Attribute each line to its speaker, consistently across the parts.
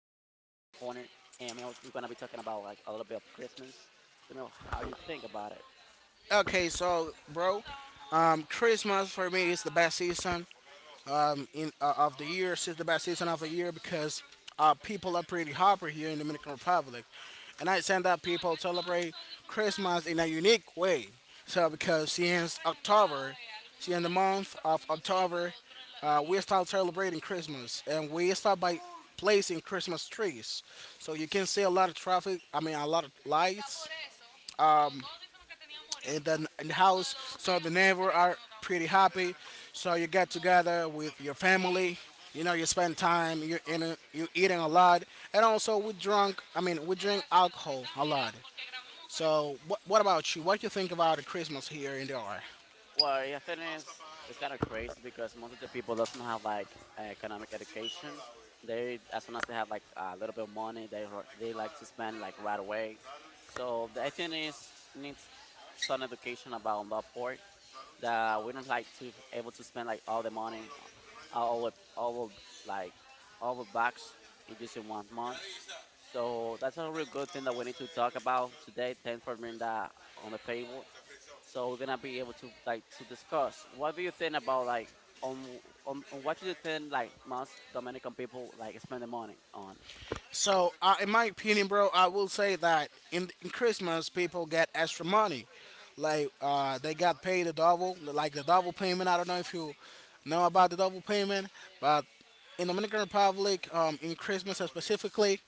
Speaker 1: partner, Emil, we're gonna be talking about like a little bit of Christmas, to know how you think about it.
Speaker 2: Okay, so bro, Christmas for me is the best season in of the year. It's the best season of the year because people are pretty hyper here in Dominican Republic, and I send that people celebrate Christmas in a unique way. So because since October, since the month of October,
Speaker 1: hmm
Speaker 2: we start celebrating Christmas, and we start by placing Christmas trees. So you can see a lot of traffic. I mean, a lot of lights in the house. So the neighbor are pretty happy. So you get together with your family. You know, you spend time. You're eating a lot, and also we drunk. I mean, we drink alcohol a lot. So what about you? What do you think about the Christmas here in the R?
Speaker 1: Well, yeah, thing is, it's kind of crazy because most of the people doesn't have like economic education. They, as soon as they have like a little bit of money, they ro- they like to spend like right away. So the thing is, needs some education about on that part, that we don't like to able to spend like all the money, all of like all the bucks in just in one month. So that's a real good thing that we need to talk about today. Thanks for bringing that on the table. So we're gonna be able to like to discuss. What do you think about, like, on what do you think like most Dominican people like spend the money on?
Speaker 2: So in my opinion, bro, I will say that in Christmas people get extra money. Like they got paid a double, like the double payment. I don't know if you know about the double payment, but in Dominican Republic, in Christmas specifically,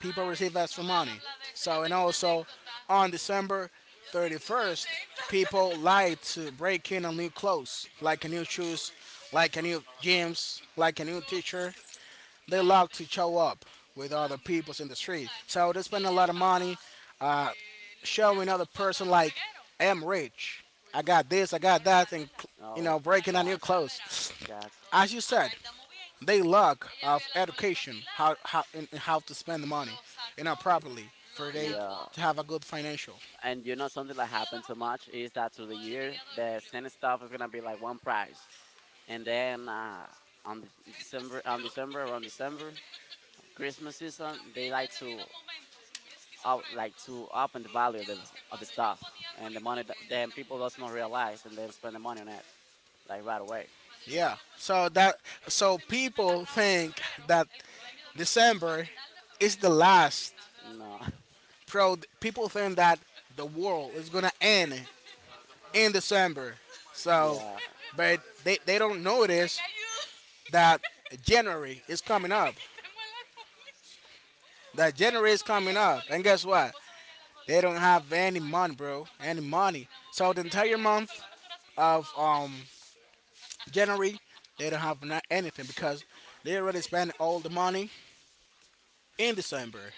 Speaker 2: people receive Astromoney. So, and also on December 31st, people like to break in on new clothes, like a new shoes, like a new jeans, like a new T-shirt. They love to show up with other peoples in the street. So they spend a lot of money showing other person like, I'm rich. I got this, I got that, and you
Speaker 1: Oh
Speaker 2: know, breaking on new
Speaker 1: God,
Speaker 2: clothes.
Speaker 1: God,
Speaker 2: As you said, they lack of education how in how to spend the money, you know, properly for they
Speaker 1: yeah.
Speaker 2: to have a good financial.
Speaker 1: And you know something that happened too much is that through the year the same stuff is gonna be like one price, and then on the December on December around December Christmas season they like to up in the value of the stuff, and the money that then people does not realize, and they spend the money on it like right away.
Speaker 2: Yeah. So that so people think that December is the last
Speaker 1: No.
Speaker 2: pro. People think that the world is gonna end in December. So,
Speaker 1: Yeah,
Speaker 2: but they don't notice that January is coming up. That January is coming up, and guess what? They don't have any money, bro. Any money. So the entire month of January, they don't have not anything because they already spent all the money in December.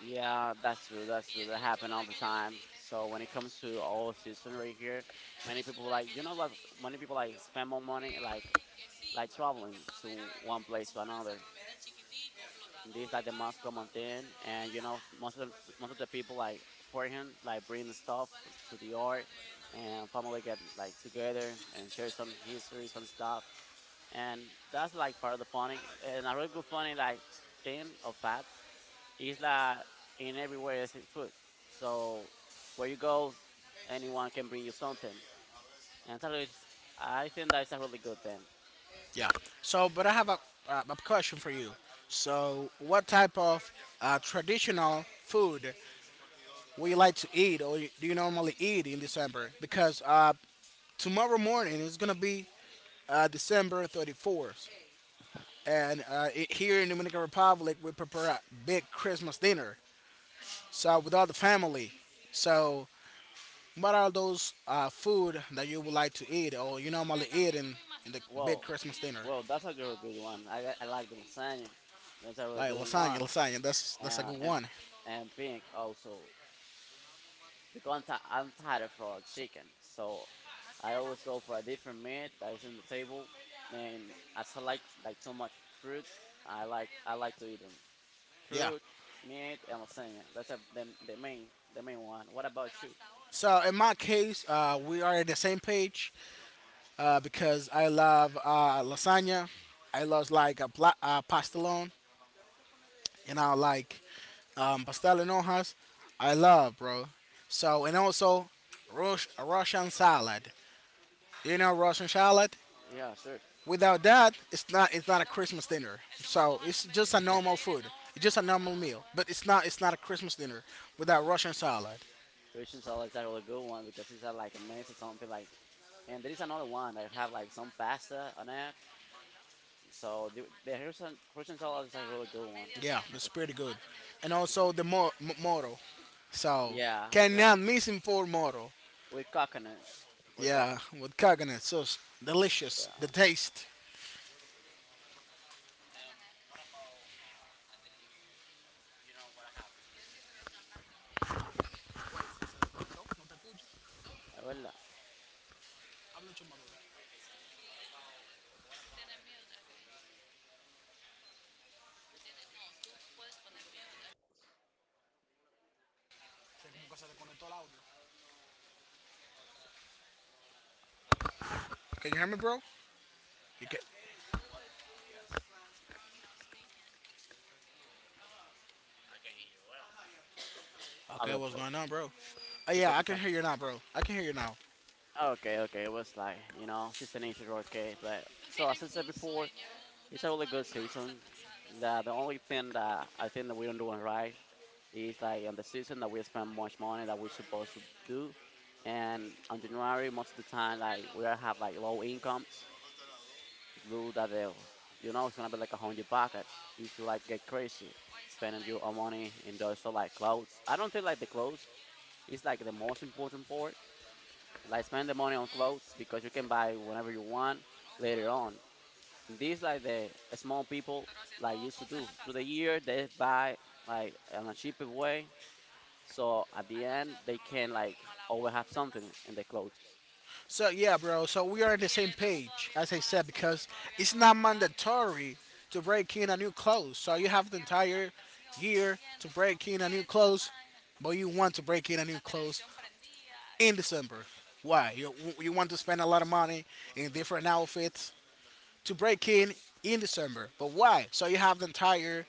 Speaker 1: yeah, that's true. That's true. That happen all the time. So when it comes to all season right here, many people like, you know, like many people like spend more money like traveling to one place to another. This like the most common thing, and you know most of the people like for him like bring stuff to the art, and family get like together and share some history, some stuff, and that's like part of the funny. And a really good funny like thing of fat is that in everywhere is it's food. So where you go, anyone can bring you something, and that is, I think, that's a really good thing.
Speaker 2: Yeah. So, but I have a question for you. So, what type of traditional food would you like to eat, or do you normally eat in December? Because tomorrow morning is gonna be December 34th, and I here in Dominican Republic we prepare a big Christmas dinner. So with all the family. So what are those food that you would like to eat or you normally eat in the big
Speaker 1: Well,
Speaker 2: Christmas dinner?
Speaker 1: well, that's a real good one. I like the lasagna. That's a really
Speaker 2: Like
Speaker 1: good one.
Speaker 2: lasagna. That's a
Speaker 1: and
Speaker 2: good
Speaker 1: and,
Speaker 2: one.
Speaker 1: and pink also because I'm tired from chicken, so I always go for a different meat that is in the table. And as I like so much fruit, I like to eat them.
Speaker 2: Yeah.
Speaker 1: Fruit, meat, and lasagna. That's a, the main the main one. What about you?
Speaker 2: So in my case, we are in the same page because I love lasagna. I love like a pastelone. You know, like pastel en hojas. I love, bro. So and also Russian salad. You know Russian salad?
Speaker 1: Yeah, sure.
Speaker 2: Without that, it's not a Christmas dinner. So it's just a
Speaker 1: Yeah.
Speaker 2: normal food. It's just a normal meal, but it's not a Christmas dinner without Russian salad.
Speaker 1: Russian salad is a really good one because it's like a mess or something like. And there is another one that have like some pasta on it. So the, the Russian salad is a really good one,
Speaker 2: Yeah,
Speaker 1: as a matter
Speaker 2: it's
Speaker 1: of fact.
Speaker 2: pretty good. And also the moro. So
Speaker 1: Yeah, that's right.
Speaker 2: cannot miss him for moro.
Speaker 1: With coconut. With
Speaker 2: Yeah,
Speaker 1: coconut.
Speaker 2: with coconut sauce, delicious. The
Speaker 1: Yeah.
Speaker 2: taste.
Speaker 1: Eh, well,
Speaker 2: Can you hear me, bro? You can- okay,
Speaker 1: habla
Speaker 2: what's
Speaker 1: todo.
Speaker 2: going on, bro? Uh,
Speaker 1: Tú te
Speaker 2: yeah, I can
Speaker 1: escuchas.
Speaker 2: hear you now, bro. I can hear you now.
Speaker 1: Okay, okay. It was like, you know, season issues were okay. But so as I said before, it's a really good season. The only thing that I think that we don't do it right is like on the season that we spend much money that we're supposed to do. And on January, most of the time, like we are have like low incomes, do that deal. You know, it's gonna be like a hundred pocket if you like get crazy spending your own money in those so like clothes. I don't feel like the clothes is like the most important part. Like spend the money on clothes because you can buy whenever you want later on. This like the small people like used to do through the year they buy like in a cheaper way. So at the end they can like always have something in their clothes.
Speaker 2: So yeah, bro. So we are on the same page, as I said, because it's not mandatory to break in a new clothes. So you have the entire year to break in a new clothes, but you want to break in a new clothes in December. Why? You want to spend a lot of money in different outfits to break in December, but why? So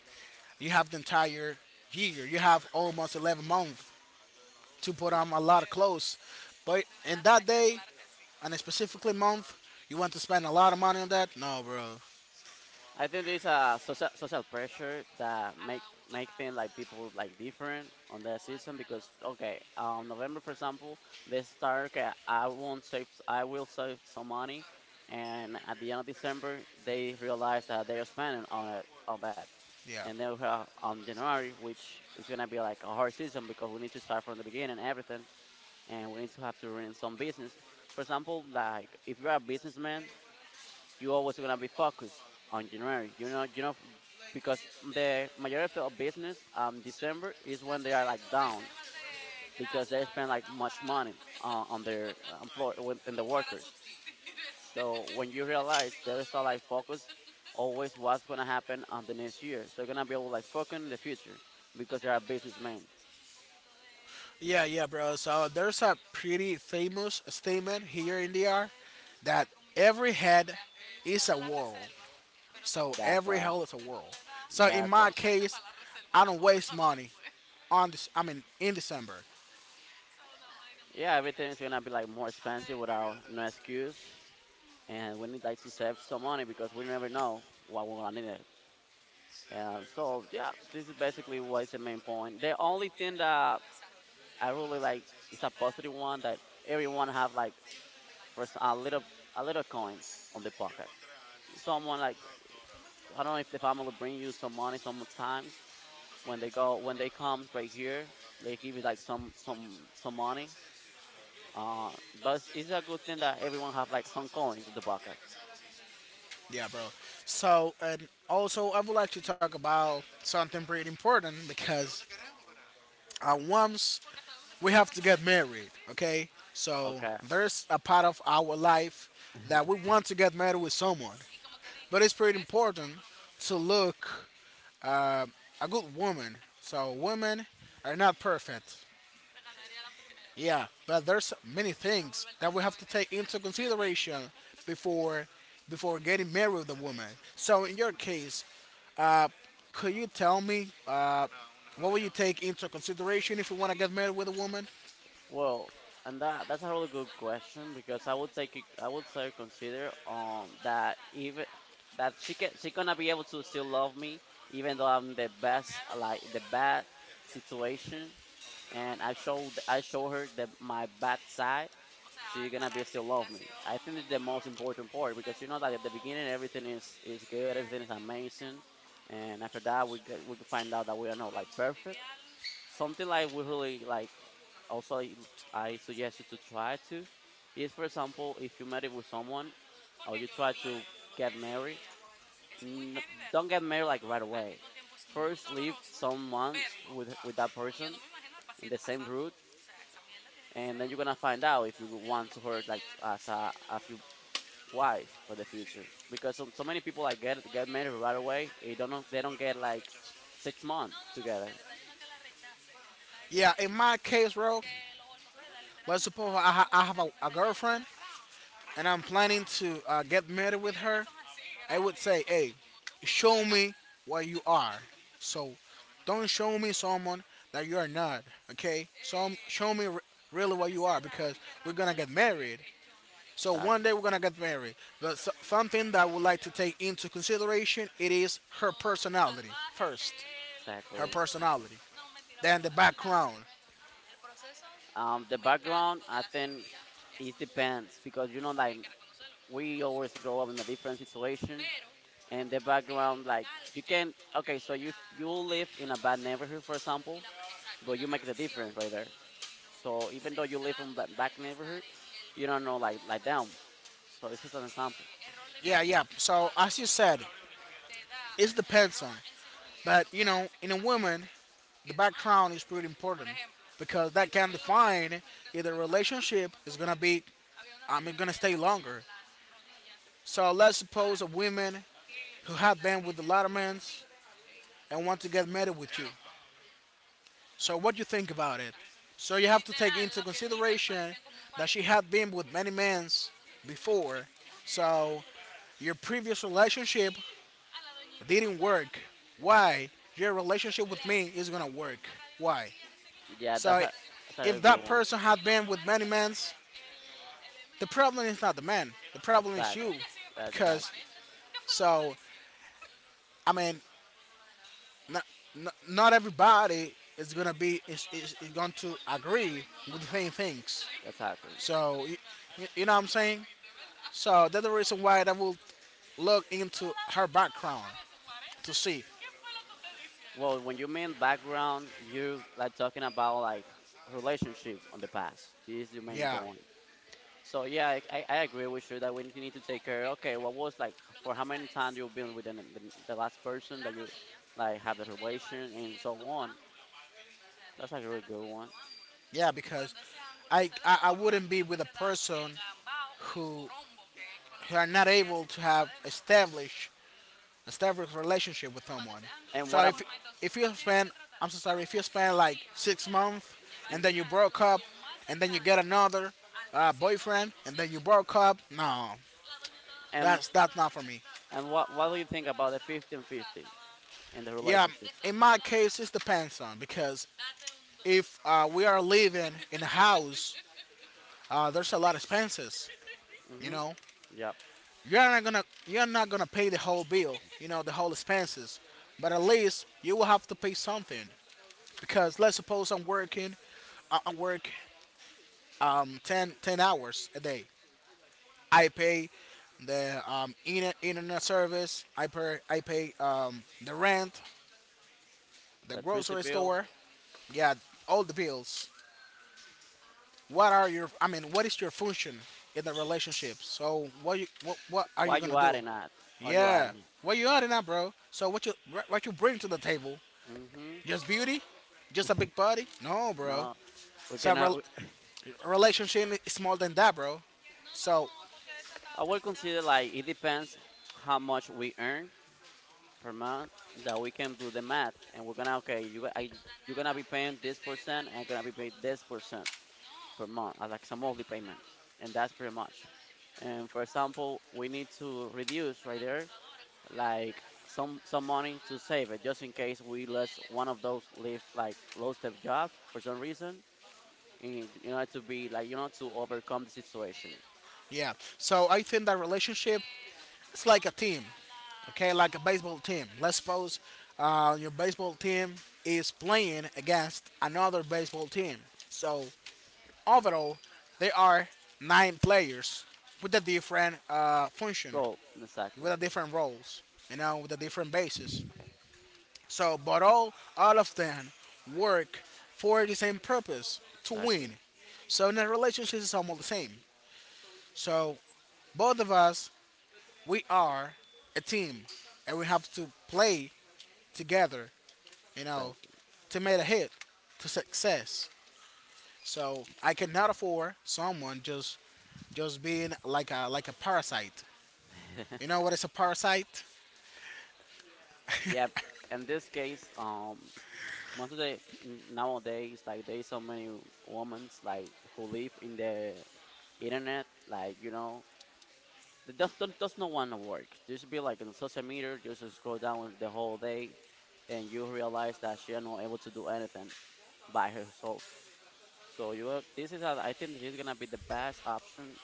Speaker 2: you have the entire year. You have almost 11 months to put on a lot of clothes, but in that day on a specifically month, you want to spend a lot of money on that? No, bro.
Speaker 1: I think there's a social pressure that make things like people like different on that season because, okay, November for example, they start, okay, I won't save, I will save some money, and at the end of December they realize that they are spending on it on that,
Speaker 2: Yeah.
Speaker 1: and then we have on January which is gonna be like a hard season because we need to start from the beginning and everything, and we need to have to run some business. For example, like if you are a businessman, you always gonna be focused on January. You know, f- because the majority of business December is when they are like down because they spend like much money on their employer and the workers. So when you realize there's a like focus always what's gonna happen on the next year, so you're gonna be able to like focus in the future because they are businessmen.
Speaker 2: Yeah, yeah, bro. So there's a pretty famous statement here in DR that every head is a world. So
Speaker 1: That's
Speaker 2: every
Speaker 1: right.
Speaker 2: hell is a world. So in
Speaker 1: That's right.
Speaker 2: my case, I don't waste money on this. I mean, in December.
Speaker 1: Yeah, everything is gonna be like more expensive without no excuse, and we need like to save some money because we never know what we're gonna need. Yeah, so yeah, this is basically what's the main point. The only thing that I really like is a positive one, that everyone have like first a little coins on the pocket. Someone like, I don't know if the family bring you some money sometimes when they go when they comes right here they give you like some some money. Uh, but it's a good thing that everyone have like some coins in the pocket.
Speaker 2: Yeah, bro. So and also, I would like to talk about something pretty important because I once we have to get married, okay? So
Speaker 1: Okay.
Speaker 2: there's a part of our life that we want to get married with someone. But it's pretty important to look a good woman. So women are not perfect. Yeah, but there's many things that we have to take into consideration before before getting married with a woman. So in your case, could you tell me what will you take into consideration if you want to get married with a woman?
Speaker 1: Well, and that's a really good question because I would say consider that even that she gonna be able to still love me even though I'm the best like the bad situation and I show her the my bad side, she gonna be still love me. I think it's the most important part because you know that at the beginning everything is good, everything is amazing, and after that we find out that we are not like perfect something like we really like. Also I suggest you to try to, is for example if you met it with someone or you try to get married, n- don't get married like right away. First live some months with that person in the same route, and then you're gonna find out if you want to her like as a as your wife for the future, because so many people like get married right away. They don't get like 6 months together.
Speaker 2: Yeah, in my case, bro, let's suppose I have a girlfriend and I'm planning to get married with her. I would say, hey, show me what you are. So don't show me someone that you are not, okay? So really what you are because we're gonna get married. So one day
Speaker 1: Exactly,
Speaker 2: we're gonna get married. Something that I would like to take into consideration it is her personality first, her
Speaker 1: exactly.
Speaker 2: personality, then the background.
Speaker 1: The background, I think, it depends because you know, like, we always grow up in a different situation, and the background, like you can. Okay, so you live in a bad neighborhood, for example, but you make the difference right there. So even though you live in bad neighborhood, you don't know like them. So this is an example.
Speaker 2: Yeah, yeah. So as you said, it depends on. But you know, in a woman, the background is pretty important because that can define if the relationship is gonna be, I mean, gonna stay longer. So let's suppose a woman who have been with a lot of men and want to get married with you. So what do you think about it? So you have to take into consideration that she had been with many men before. So your previous relationship didn't work. Why? Your relationship with me is gonna work. Why?
Speaker 1: Yeah,
Speaker 2: So
Speaker 1: that's a
Speaker 2: if
Speaker 1: good
Speaker 2: that
Speaker 1: one.
Speaker 2: person had been with many men, the problem is not the man. The problem is
Speaker 1: Exactly,
Speaker 2: you, because
Speaker 1: exactly,
Speaker 2: so I mean, not not everybody is gonna is going to agree with the same things.
Speaker 1: exactly.
Speaker 2: So you know what I'm saying. So that's the reason why I will look into her background to see.
Speaker 1: Well, when you mean background, you like talking about like relationship on the past. This is the main
Speaker 2: Yeah,
Speaker 1: point. So yeah, I agree with you that we need to take care. Okay, what was like for how many times you've been with the last person that you like have the relation and so on. That's like a really good one.
Speaker 2: yeah, because I wouldn't be with a person who who are not able to have establish a relationship with someone.
Speaker 1: And
Speaker 2: So
Speaker 1: what ab-
Speaker 2: if you spend, I'm so sorry, if you spend like 6 months and then
Speaker 1: mhm.
Speaker 2: you broke up, and then you get another boyfriend, and then you broke up, no,
Speaker 1: and
Speaker 2: that's not for me.
Speaker 1: and what do you think about the 50-50 in the
Speaker 2: Yeah,
Speaker 1: relationship?
Speaker 2: in my case, it depends on because if we are living in a house, there's a lot of expenses. You
Speaker 1: Mm-hmm.
Speaker 2: know,
Speaker 1: Yep.
Speaker 2: you're not gonna pay the whole bill. You know, the whole expenses, but at least you will have to pay something because let's suppose I work 10 ten hours a day. I pay the internet service. I pay the rent, the
Speaker 1: Electricity
Speaker 2: grocery
Speaker 1: bill.
Speaker 2: store. Yeah, all the bills. What are your? I mean, what is your function in the relationship? So what are you
Speaker 1: Why you
Speaker 2: gonna do?
Speaker 1: adding that? Why you
Speaker 2: Yeah,
Speaker 1: adding it?
Speaker 2: what you earning now, bro? So what you bring to the table?
Speaker 1: Mm-hmm.
Speaker 2: Just beauty? Just a big body? No, bro.
Speaker 1: No, we
Speaker 2: So
Speaker 1: cannot.
Speaker 2: relationship is more than that, bro. So
Speaker 1: I would consider like it depends how much we earn per month, that we can do the math, and we're gonna, okay, you're gonna be paying this percent, and I'm gonna be paid this percent per month, as like some monthly payment, and that's pretty much. And for example, we need to reduce right there, like some money to save it, just in case we lose one of those leave like low step job for some reason, and you know to be like, you know, to overcome the situation.
Speaker 2: yeah. So I think that relationship it's like a team, okay? Like a baseball team. Let's suppose your baseball team is playing against another baseball team. So overall, there are nine players with a different function,
Speaker 1: Roll exactly,
Speaker 2: with a different roles, you know, with a different basis. So, but all of them work for the same purpose to
Speaker 1: exactly,
Speaker 2: win. So in a relationship, it's almost the same. So both of us, we are a team, and we have to play together, you know,
Speaker 1: exactly.
Speaker 2: to make a hit to success. So I cannot afford someone just being like a parasite. You know what is a parasite?
Speaker 1: Yeah, in this case, most of the nowadays, like there's so many women like who live in the internet, like you know, they just don't does not want to work. Just be like in social media, just to scroll down the whole day, and you realize that she are not able to do anything by herself. So you, this is, I think, this is gonna be the best option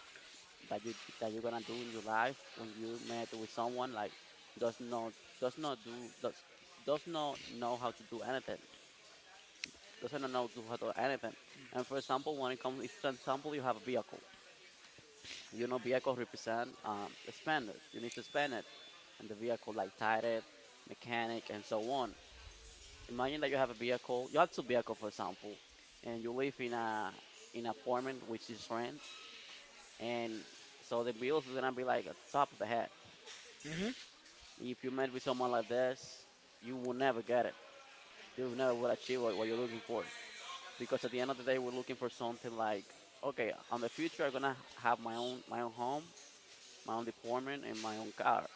Speaker 1: that you that you're gonna do in your life when you met with someone like does not does not do does does not know how to do anything, doesn't know to how to do anything. And for example, when it comes, if for example you have a vehicle, you know, vehicle represent spend it, you need to spend it, and the vehicle like tire it, mechanic and so on. Imagine that you have a vehicle, you have two vehicle for example, and you live in a in an apartment which is rent, and so the bills is gonna be like at the top of the head. If you met with someone like this, you will never get it. You never will achieve what you're looking for. Because at the end of the day, we're looking for something like, okay, on the future, I'm gonna have my own home, my own deployment, and my own car.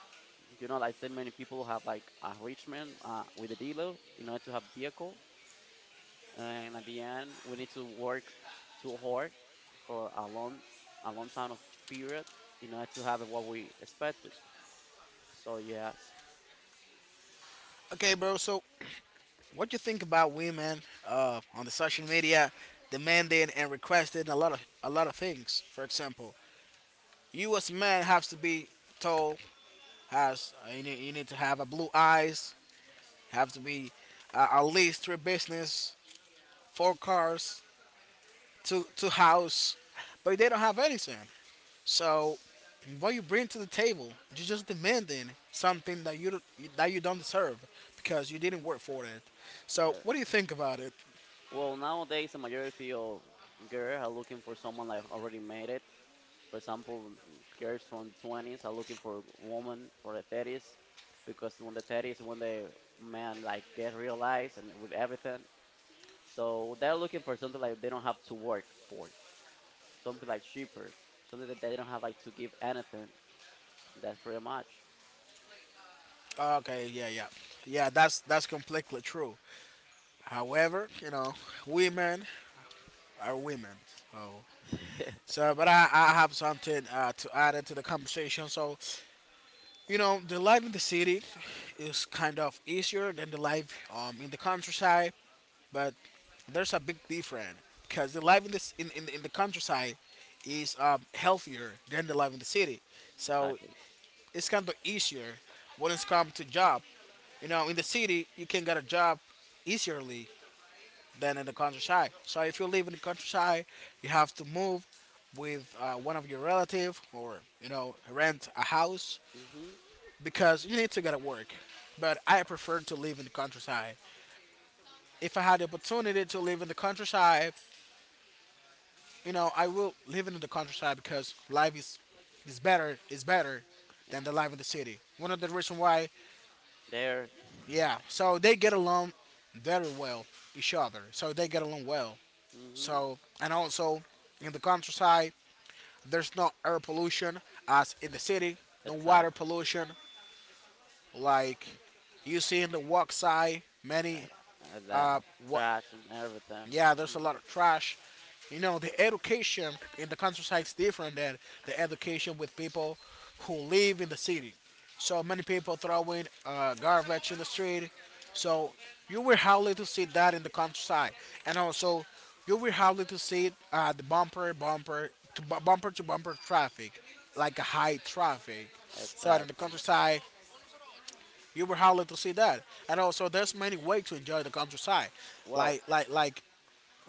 Speaker 1: You know, I so many people who have like a enrichment with a dealer in order to have vehicle. And at the end, we need to work too hard for a long time of period in order to have what we expected. So yes.
Speaker 2: Okay, bro. So what you think about women on the social media demanding and requesting a lot of things? For example, you as a man have to be tall, has you need to have a blue eyes, have to be at least three business, four cars, to house, but they don't have anything. So what you bring to the table, you're just demanding something that you don't deserve because you didn't work for it. So what do you think about it?
Speaker 1: Well, nowadays the majority of girls are looking for someone like already made it. For example, girls from the 20s are looking for women for the 30s because when the 30s when the man like get realized and with everything, so they're looking for something like they don't have to work for, something like cheaper, something that they don't have like to give anything. That's pretty much.
Speaker 2: Okay, yeah. That's completely true. However, you know, women are women. Oh, so but I have something to add into the conversation. So, you know, the life in the city is kind of easier than the life in the countryside. But there's a big difference because the life in the, in the countryside is healthier than the life in the city. So
Speaker 1: Exactly.
Speaker 2: it's kind of easier when it's come to job. You know, in the city, you can get a job easierly than in the countryside. So if you live in the countryside, you have to move with one of your relative or you know rent a house
Speaker 1: Mhm.
Speaker 2: because you need to get to work. But I prefer to live in the countryside. If I had the opportunity to live in the countryside, you know, I will live in the countryside because life is is better
Speaker 1: Yeah.
Speaker 2: than the life in the city. One of the reason why,
Speaker 1: There.
Speaker 2: yeah. So they get along very well each other. So they get along well.
Speaker 1: Mhm.
Speaker 2: So and also in the countryside, there's no air pollution as in the city. No water
Speaker 1: Exactly.
Speaker 2: pollution like you see in the walk side.
Speaker 1: The
Speaker 2: Wa-
Speaker 1: trash and everything.
Speaker 2: yeah, there's a
Speaker 1: Hmm.
Speaker 2: lot of trash. You know, the education in the countryside is different than the education with people who live in the city. So many people throwing garbage in the street. So you will hardly to see that in the countryside, and also you will hardly to see the bumper to bumper traffic, like a high traffic. So in the
Speaker 1: Exactly.
Speaker 2: countryside, you will hardly to see that, and also there's many ways to enjoy the countryside,
Speaker 1: Well,
Speaker 2: like like like.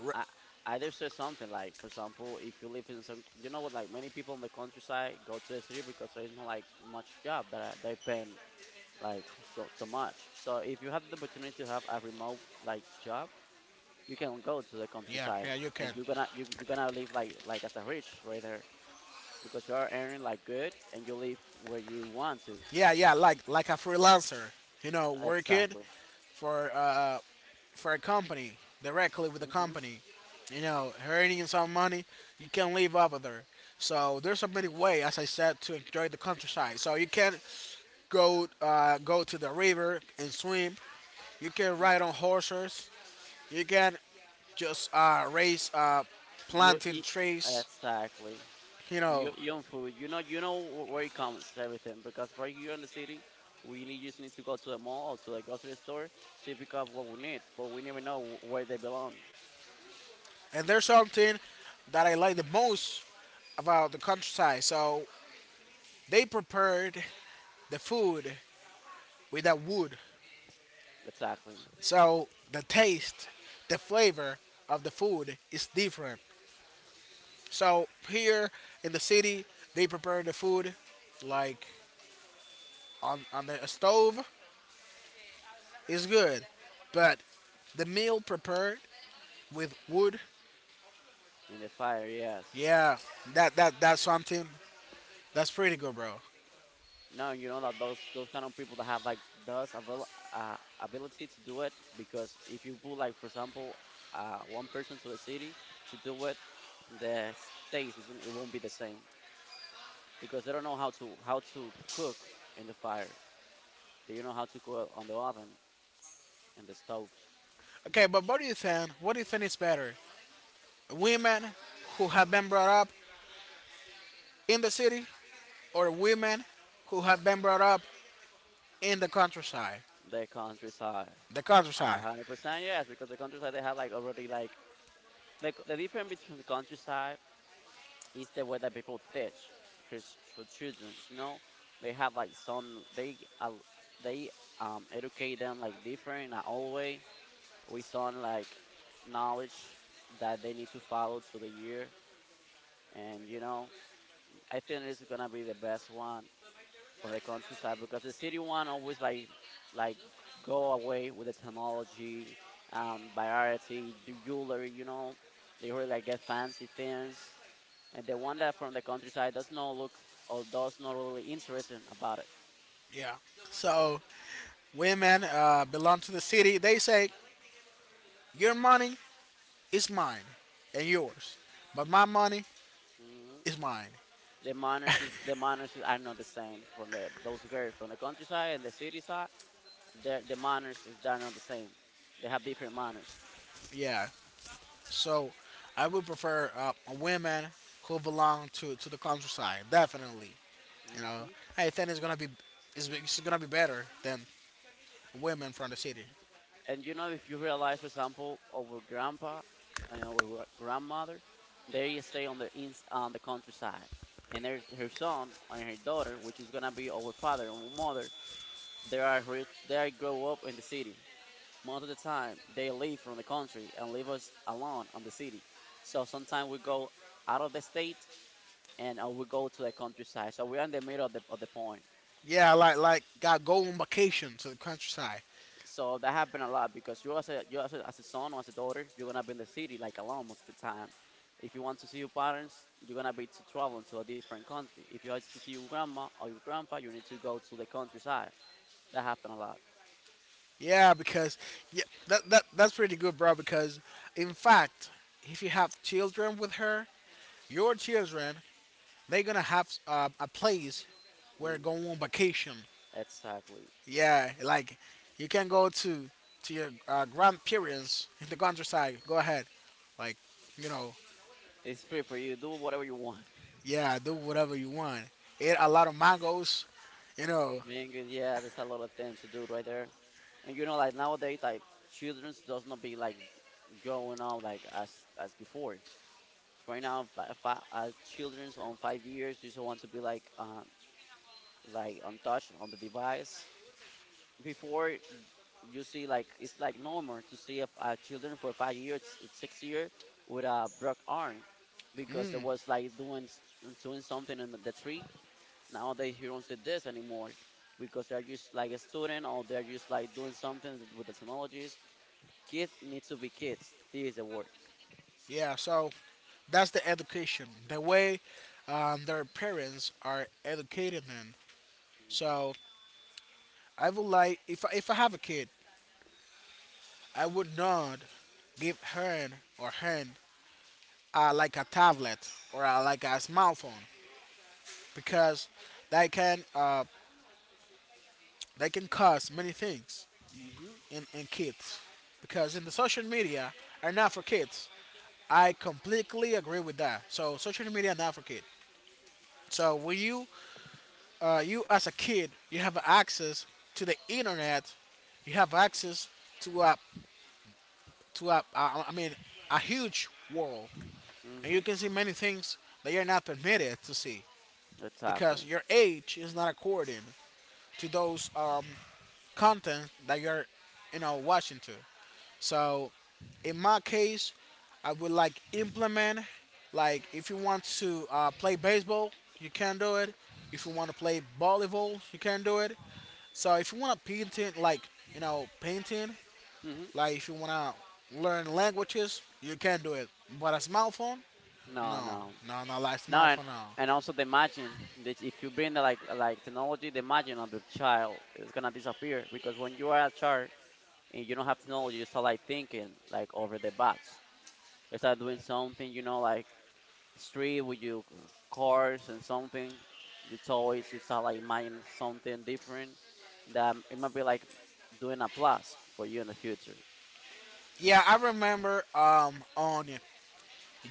Speaker 2: re-
Speaker 1: I I did say something like, for example, if you live in some, you know what, like many people in the countryside go to the city because there is not like much job that are, they pay like so much. So if you have the opportunity to have a remote like job, you can go to the
Speaker 2: Yeah,
Speaker 1: countryside,
Speaker 2: yeah, you can.
Speaker 1: and you're gonna you're gonna live like as a rich right there, because you are earning like good and you live where you want to.
Speaker 2: Yeah, yeah, like a freelancer, you know, working
Speaker 1: Exactly.
Speaker 2: for uh, for a company directly with the
Speaker 1: Mm-hmm.
Speaker 2: company, you know, earning some money. You can live off of there. So there's so many way, as I said, to enjoy the countryside. So you can go to the river and swim. You can ride
Speaker 1: Mhm.
Speaker 2: on horses. You can just raise
Speaker 1: You
Speaker 2: planting
Speaker 1: eat
Speaker 2: trees,
Speaker 1: exactly.
Speaker 2: you know.
Speaker 1: You own food. You know wh- where it comes everything, because right here in the city, we need, just need to go to the mall or to the grocery store to pick up what we need, but we never know wh- where they belong.
Speaker 2: And there's something that I like the most about the countryside. So they prepared the food with that wood.
Speaker 1: Exactly.
Speaker 2: So the taste, the flavor of the food is different. So here in the city, they prepare the food like on the stove is good, but the meal prepared with wood,
Speaker 1: In the fire, yes.
Speaker 2: yeah, that that's something that's pretty good, bro.
Speaker 1: No, you know that those kind of people that have like those avail ability to do it, because if you put like for example one person to a city to do it, the states isn't it won't be the same, because they don't know how to cook in the fire. They don't know how to cook on the oven and the stove.
Speaker 2: Okay, but what do you think? What do you think is better, women who have been brought up in the city or women who have been brought up in the countryside?
Speaker 1: The countryside,
Speaker 2: The
Speaker 1: a
Speaker 2: countryside.
Speaker 1: hundred percent yes, because the countryside they have like already like the difference between the countryside is the way that people teach his for children. You know, they have like some they educate them like different. Not a old way with some like knowledge that they need to follow through the year. And you know, I think this is gonna be the best one for the countryside, because the city one always like go away with the technology, variety, jewelry, you know. They really like get fancy things, and the one that from the countryside does not look or does not really interesting about it.
Speaker 2: Yeah. So women belong to the city. They say your money is mine and yours, but my money
Speaker 1: Hmm.
Speaker 2: is mine.
Speaker 1: The manners is, are not the same from the those girls from the countryside and the city side. The manners is they're not the same. They have different manners.
Speaker 2: Yeah. So I would prefer women who belong to the countryside. Definitely. You know,
Speaker 1: Hmm.
Speaker 2: I think it's gonna be it's gonna be better than women from the city.
Speaker 1: And you know, if you realize, for example, our grandpa and our gra- grandmother, they stay on the ins- on the countryside, and their her son and her daughter, which is gonna be our father and mother, they are rich, they grow up in the city. Most of the time, they leave from the country and leave us alone on the city. So sometimes we go out of the state and we go to the countryside. So we are in the middle of the point.
Speaker 2: Yeah, like got go on vacation to the countryside.
Speaker 1: So that happened a lot because you as a as a son or as a daughter, you're gonna be in the city like alone most of the time. If you want to see your parents, you're gonna be to traveling to a different country. If you want to see your grandma or your grandpa, you need to go to the countryside. That happened a lot.
Speaker 2: Yeah, because yeah, that that's pretty good, bro. Because in fact, if you have children with her, your children they're gonna have a place where
Speaker 1: Hmm.
Speaker 2: go on vacation,
Speaker 1: Exactly.
Speaker 2: yeah, like you can go to your grandparents in the countryside go ahead like you know,
Speaker 1: It's free for you. Do whatever you want.
Speaker 2: yeah, do whatever you want, eat a lot of mangoes, you know.
Speaker 1: Man, yeah, there's a lot of things to do right there. And you know, like nowadays, like children does not be like growing up like as before. So right now, like children's on 5 years just want to be like untouched on the device. Before you see like it's like normal to see a children for 5 years, 6 years with a broke arm because it was like doing something in the tree. Nowadays you don't see this anymore because they're just like a student or they're just like doing something with the technologies. Kids need to be kids. This is the word.
Speaker 2: Yeah, so that's the education, the way their parents are educating them. So I would like if I have a kid I would not give her or him like a tablet or like a smartphone because they can uh, they can cause many things
Speaker 1: Mhm.
Speaker 2: in kids because in the social media are not for kids. I completely agree with that. So social media not for kids. So when you you as a kid you have access to the internet, you have access to a to a I mean a huge world and you
Speaker 1: Mhm.
Speaker 2: can see many things that you're not permitted to see because
Speaker 1: Exactly.
Speaker 2: your age is not according to those content that you're you know watching to. So in my case, I would like implement like if you want to play baseball, you can do it. If you want to play volleyball, you can do it. So if you want to painting like you know painting,
Speaker 1: Mhm.
Speaker 2: like if you want to learn languages, you can do it. But a smartphone,
Speaker 1: No,
Speaker 2: no,
Speaker 1: no.
Speaker 2: no, not like
Speaker 1: No,
Speaker 2: smartphone. No.
Speaker 1: and also the margin. This, if you bring the, like technology, the margin of the child is gonna disappear, because when you are a child and you don't have technology, you start like thinking like over the box. You start doing something, you know, like street with your cars and something. You start like imagining something different that it might be like doing a plus for you in the future.
Speaker 2: Yeah, I remember on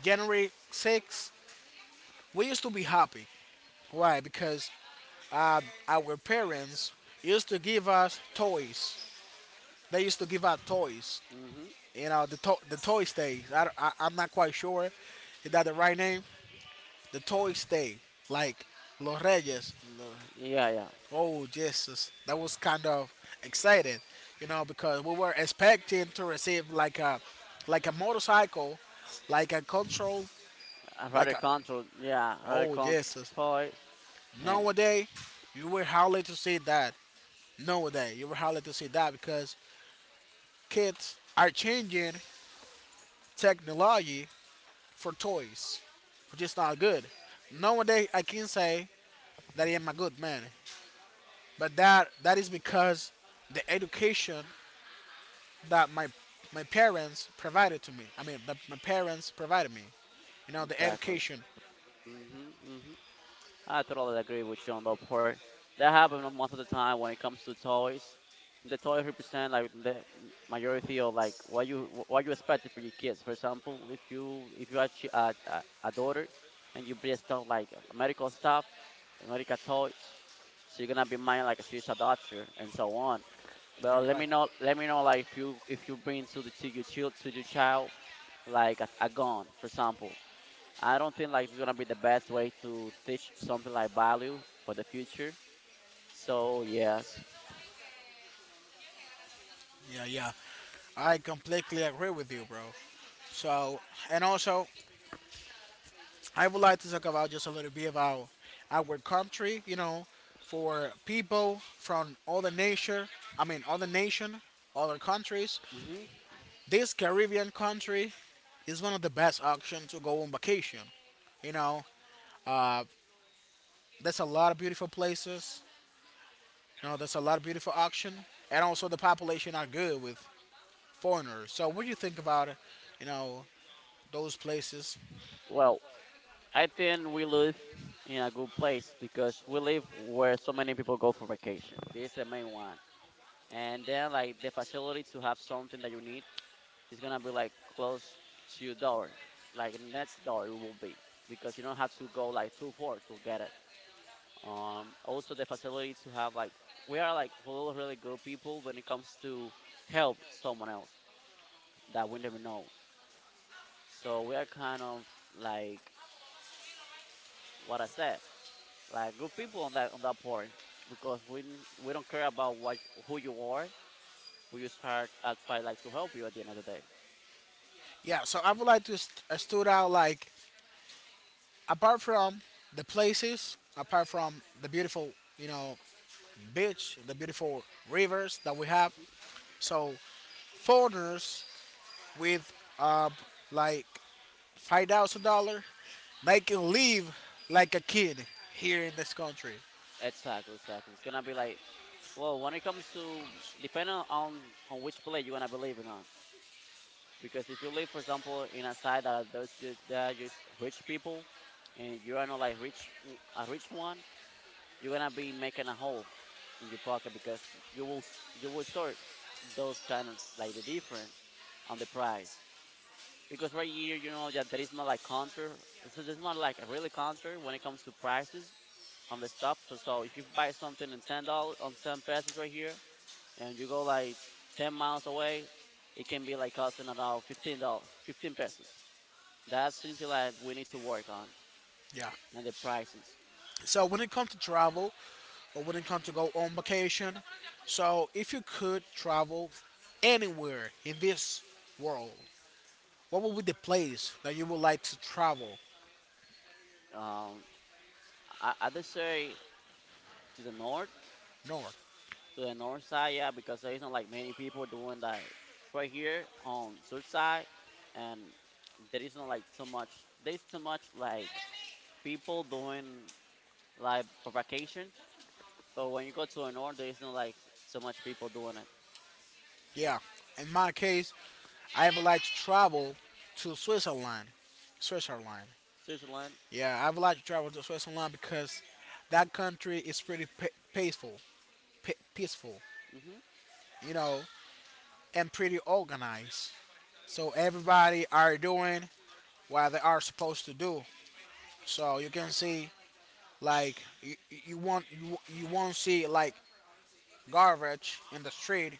Speaker 2: January 6th, we used to be happy. Why? Because our parents used to give us toys. They used to give us toys.
Speaker 1: Hmm.
Speaker 2: You know, the the toy stays. I am not quite sure. Is that the right name? The toy stay. Like Los Reyes.
Speaker 1: Yeah, yeah.
Speaker 2: Oh Jesus, that was kind of excited. You know, because we were expecting to receive like a motorcycle, like a control,
Speaker 1: I
Speaker 2: like
Speaker 1: rather
Speaker 2: a
Speaker 1: control. Yeah, I rather
Speaker 2: oh
Speaker 1: control
Speaker 2: Jesus.
Speaker 1: toys. Yeah,
Speaker 2: Nowadays, you were hardly to see that. Nowadays, you were hardly to see that because kids are changing technology for toys, which is not good. Nowadays, I can say that I am a good man, but that is because the education that my parents provided to me. I mean, that my parents provided me. You know, the
Speaker 1: exactly.
Speaker 2: education.
Speaker 1: Mhm, mhm. I totally agree with you on that part. That happens most of the time when it comes to toys. The toys represent like the majority of like what you expected for your kids. For example, if you have a daughter and you bring stuff like medical stuff, medical toys, she's gonna be mine like she's a doctor and so on. But
Speaker 2: You're right.
Speaker 1: let me know like if you bring to your child like a gun, for example. I don't think like it's gonna be the best way to teach something like value for the future. So yes.
Speaker 2: Yeah, yeah. I completely agree with you, bro. So, and also, I would like to talk about just a little bit about our country, you know, for people from other nature. I mean other nation, other countries.
Speaker 1: Hmm.
Speaker 2: This Caribbean country is one of the best options to go on vacation. You know, uh, there's a lot of beautiful places. You know, there's a lot of beautiful option, and also the population are good with foreigners. So, what do you think about, you know, those places?
Speaker 1: Well, I think we live in a good place because we live where so many people go for vacation. This is the main one, and then like the facility to have something that you need is gonna be like close to your door, like next door it will be, because you don't have to go like too far to get it. Also, the facility to have like we are like really really good people when it comes to help someone else that we never know. So we are kind of like what I said, like good people on that part, because we don't care about what who you are. We just are try like to help you at the end of the day.
Speaker 2: Yeah. So I would like to stood out like apart from the places, apart from the beautiful, you know, beach, the beautiful rivers that we have.
Speaker 1: Mhm.
Speaker 2: So foreigners with like 5,000 dollar, they can live like a kid here in this country.
Speaker 1: Exactly, exactly. It's gonna be like well, when it comes to depending on which play you're gonna believe in on. Because if you live, for example, in a side that are that are just rich people, and you are not like rich a rich one, you're gonna be making a hole in your pocket because you will sort those kind of like the difference on the price. Because right here, you know that there is not like counter. There's not like a really counter when it comes to prices on the stuff. So if you buy something in $10 on ten pesos right here, and you go like 10 miles away, it can be like costing about $15, 15 pesos. That's something that we need to work on,
Speaker 2: Yeah.
Speaker 1: and the prices.
Speaker 2: So when it comes to travel, or when it comes to go on vacation, so if you could travel anywhere in this world, what would be the place that you would like to travel?
Speaker 1: Um, I just say to the north,
Speaker 2: North?
Speaker 1: to the north side, yeah, because there isn't like many people doing that right here on south side, and there isn't like so much. There's so much like people doing like for vacation, but when you go to the north, there's not like so much people doing it.
Speaker 2: Yeah. In my case, I would like to travel to Switzerland. Switzerland.
Speaker 1: Switzerland.
Speaker 2: Yeah, I would like to travel to Switzerland because that country is pretty peaceful, peaceful,
Speaker 1: Hmm.
Speaker 2: you know, and pretty organized. So everybody are doing what they are supposed to do. So you can see like you, you won't you won't see like garbage in the street.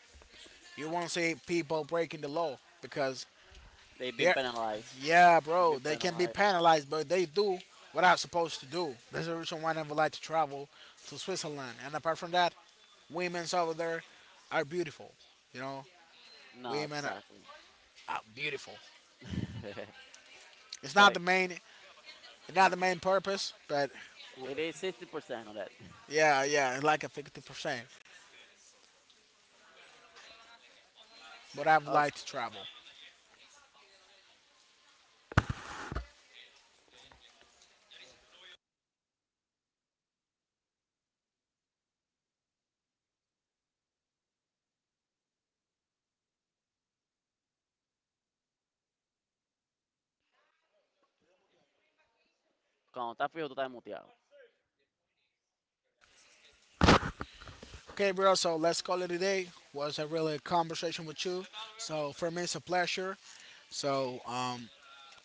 Speaker 2: You won't see people breaking the law because
Speaker 1: They've been
Speaker 2: they're.
Speaker 1: penalized.
Speaker 2: Yeah, bro,
Speaker 1: Been
Speaker 2: they can be
Speaker 1: penalized.
Speaker 2: penalized, but they do what I'm supposed to do. There's a reason why I never like to travel to Switzerland. And apart from that, women over there are beautiful. You know,
Speaker 1: No,
Speaker 2: women
Speaker 1: exactly.
Speaker 2: are beautiful. It's
Speaker 1: So
Speaker 2: not the main, it's not the main purpose, but
Speaker 1: it is 60% on that.
Speaker 2: yeah, yeah, it's like a 50%. But I would
Speaker 1: Oh,
Speaker 2: like to travel.
Speaker 1: cuando estás fijo, tú estás muteado.
Speaker 2: Okay, bro, so let's call it a day. Was a really conversation with you. So for me, it's a pleasure. So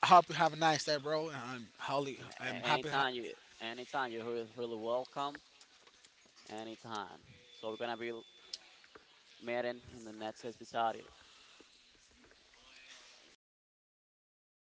Speaker 2: I hope you have a nice day, bro. And I'm, holly,
Speaker 1: A-
Speaker 2: I'm happy
Speaker 1: Anytime you, anytime you're really, really welcome. Anytime. So we're gonna be meeting in the next episode. Yeah, dudes.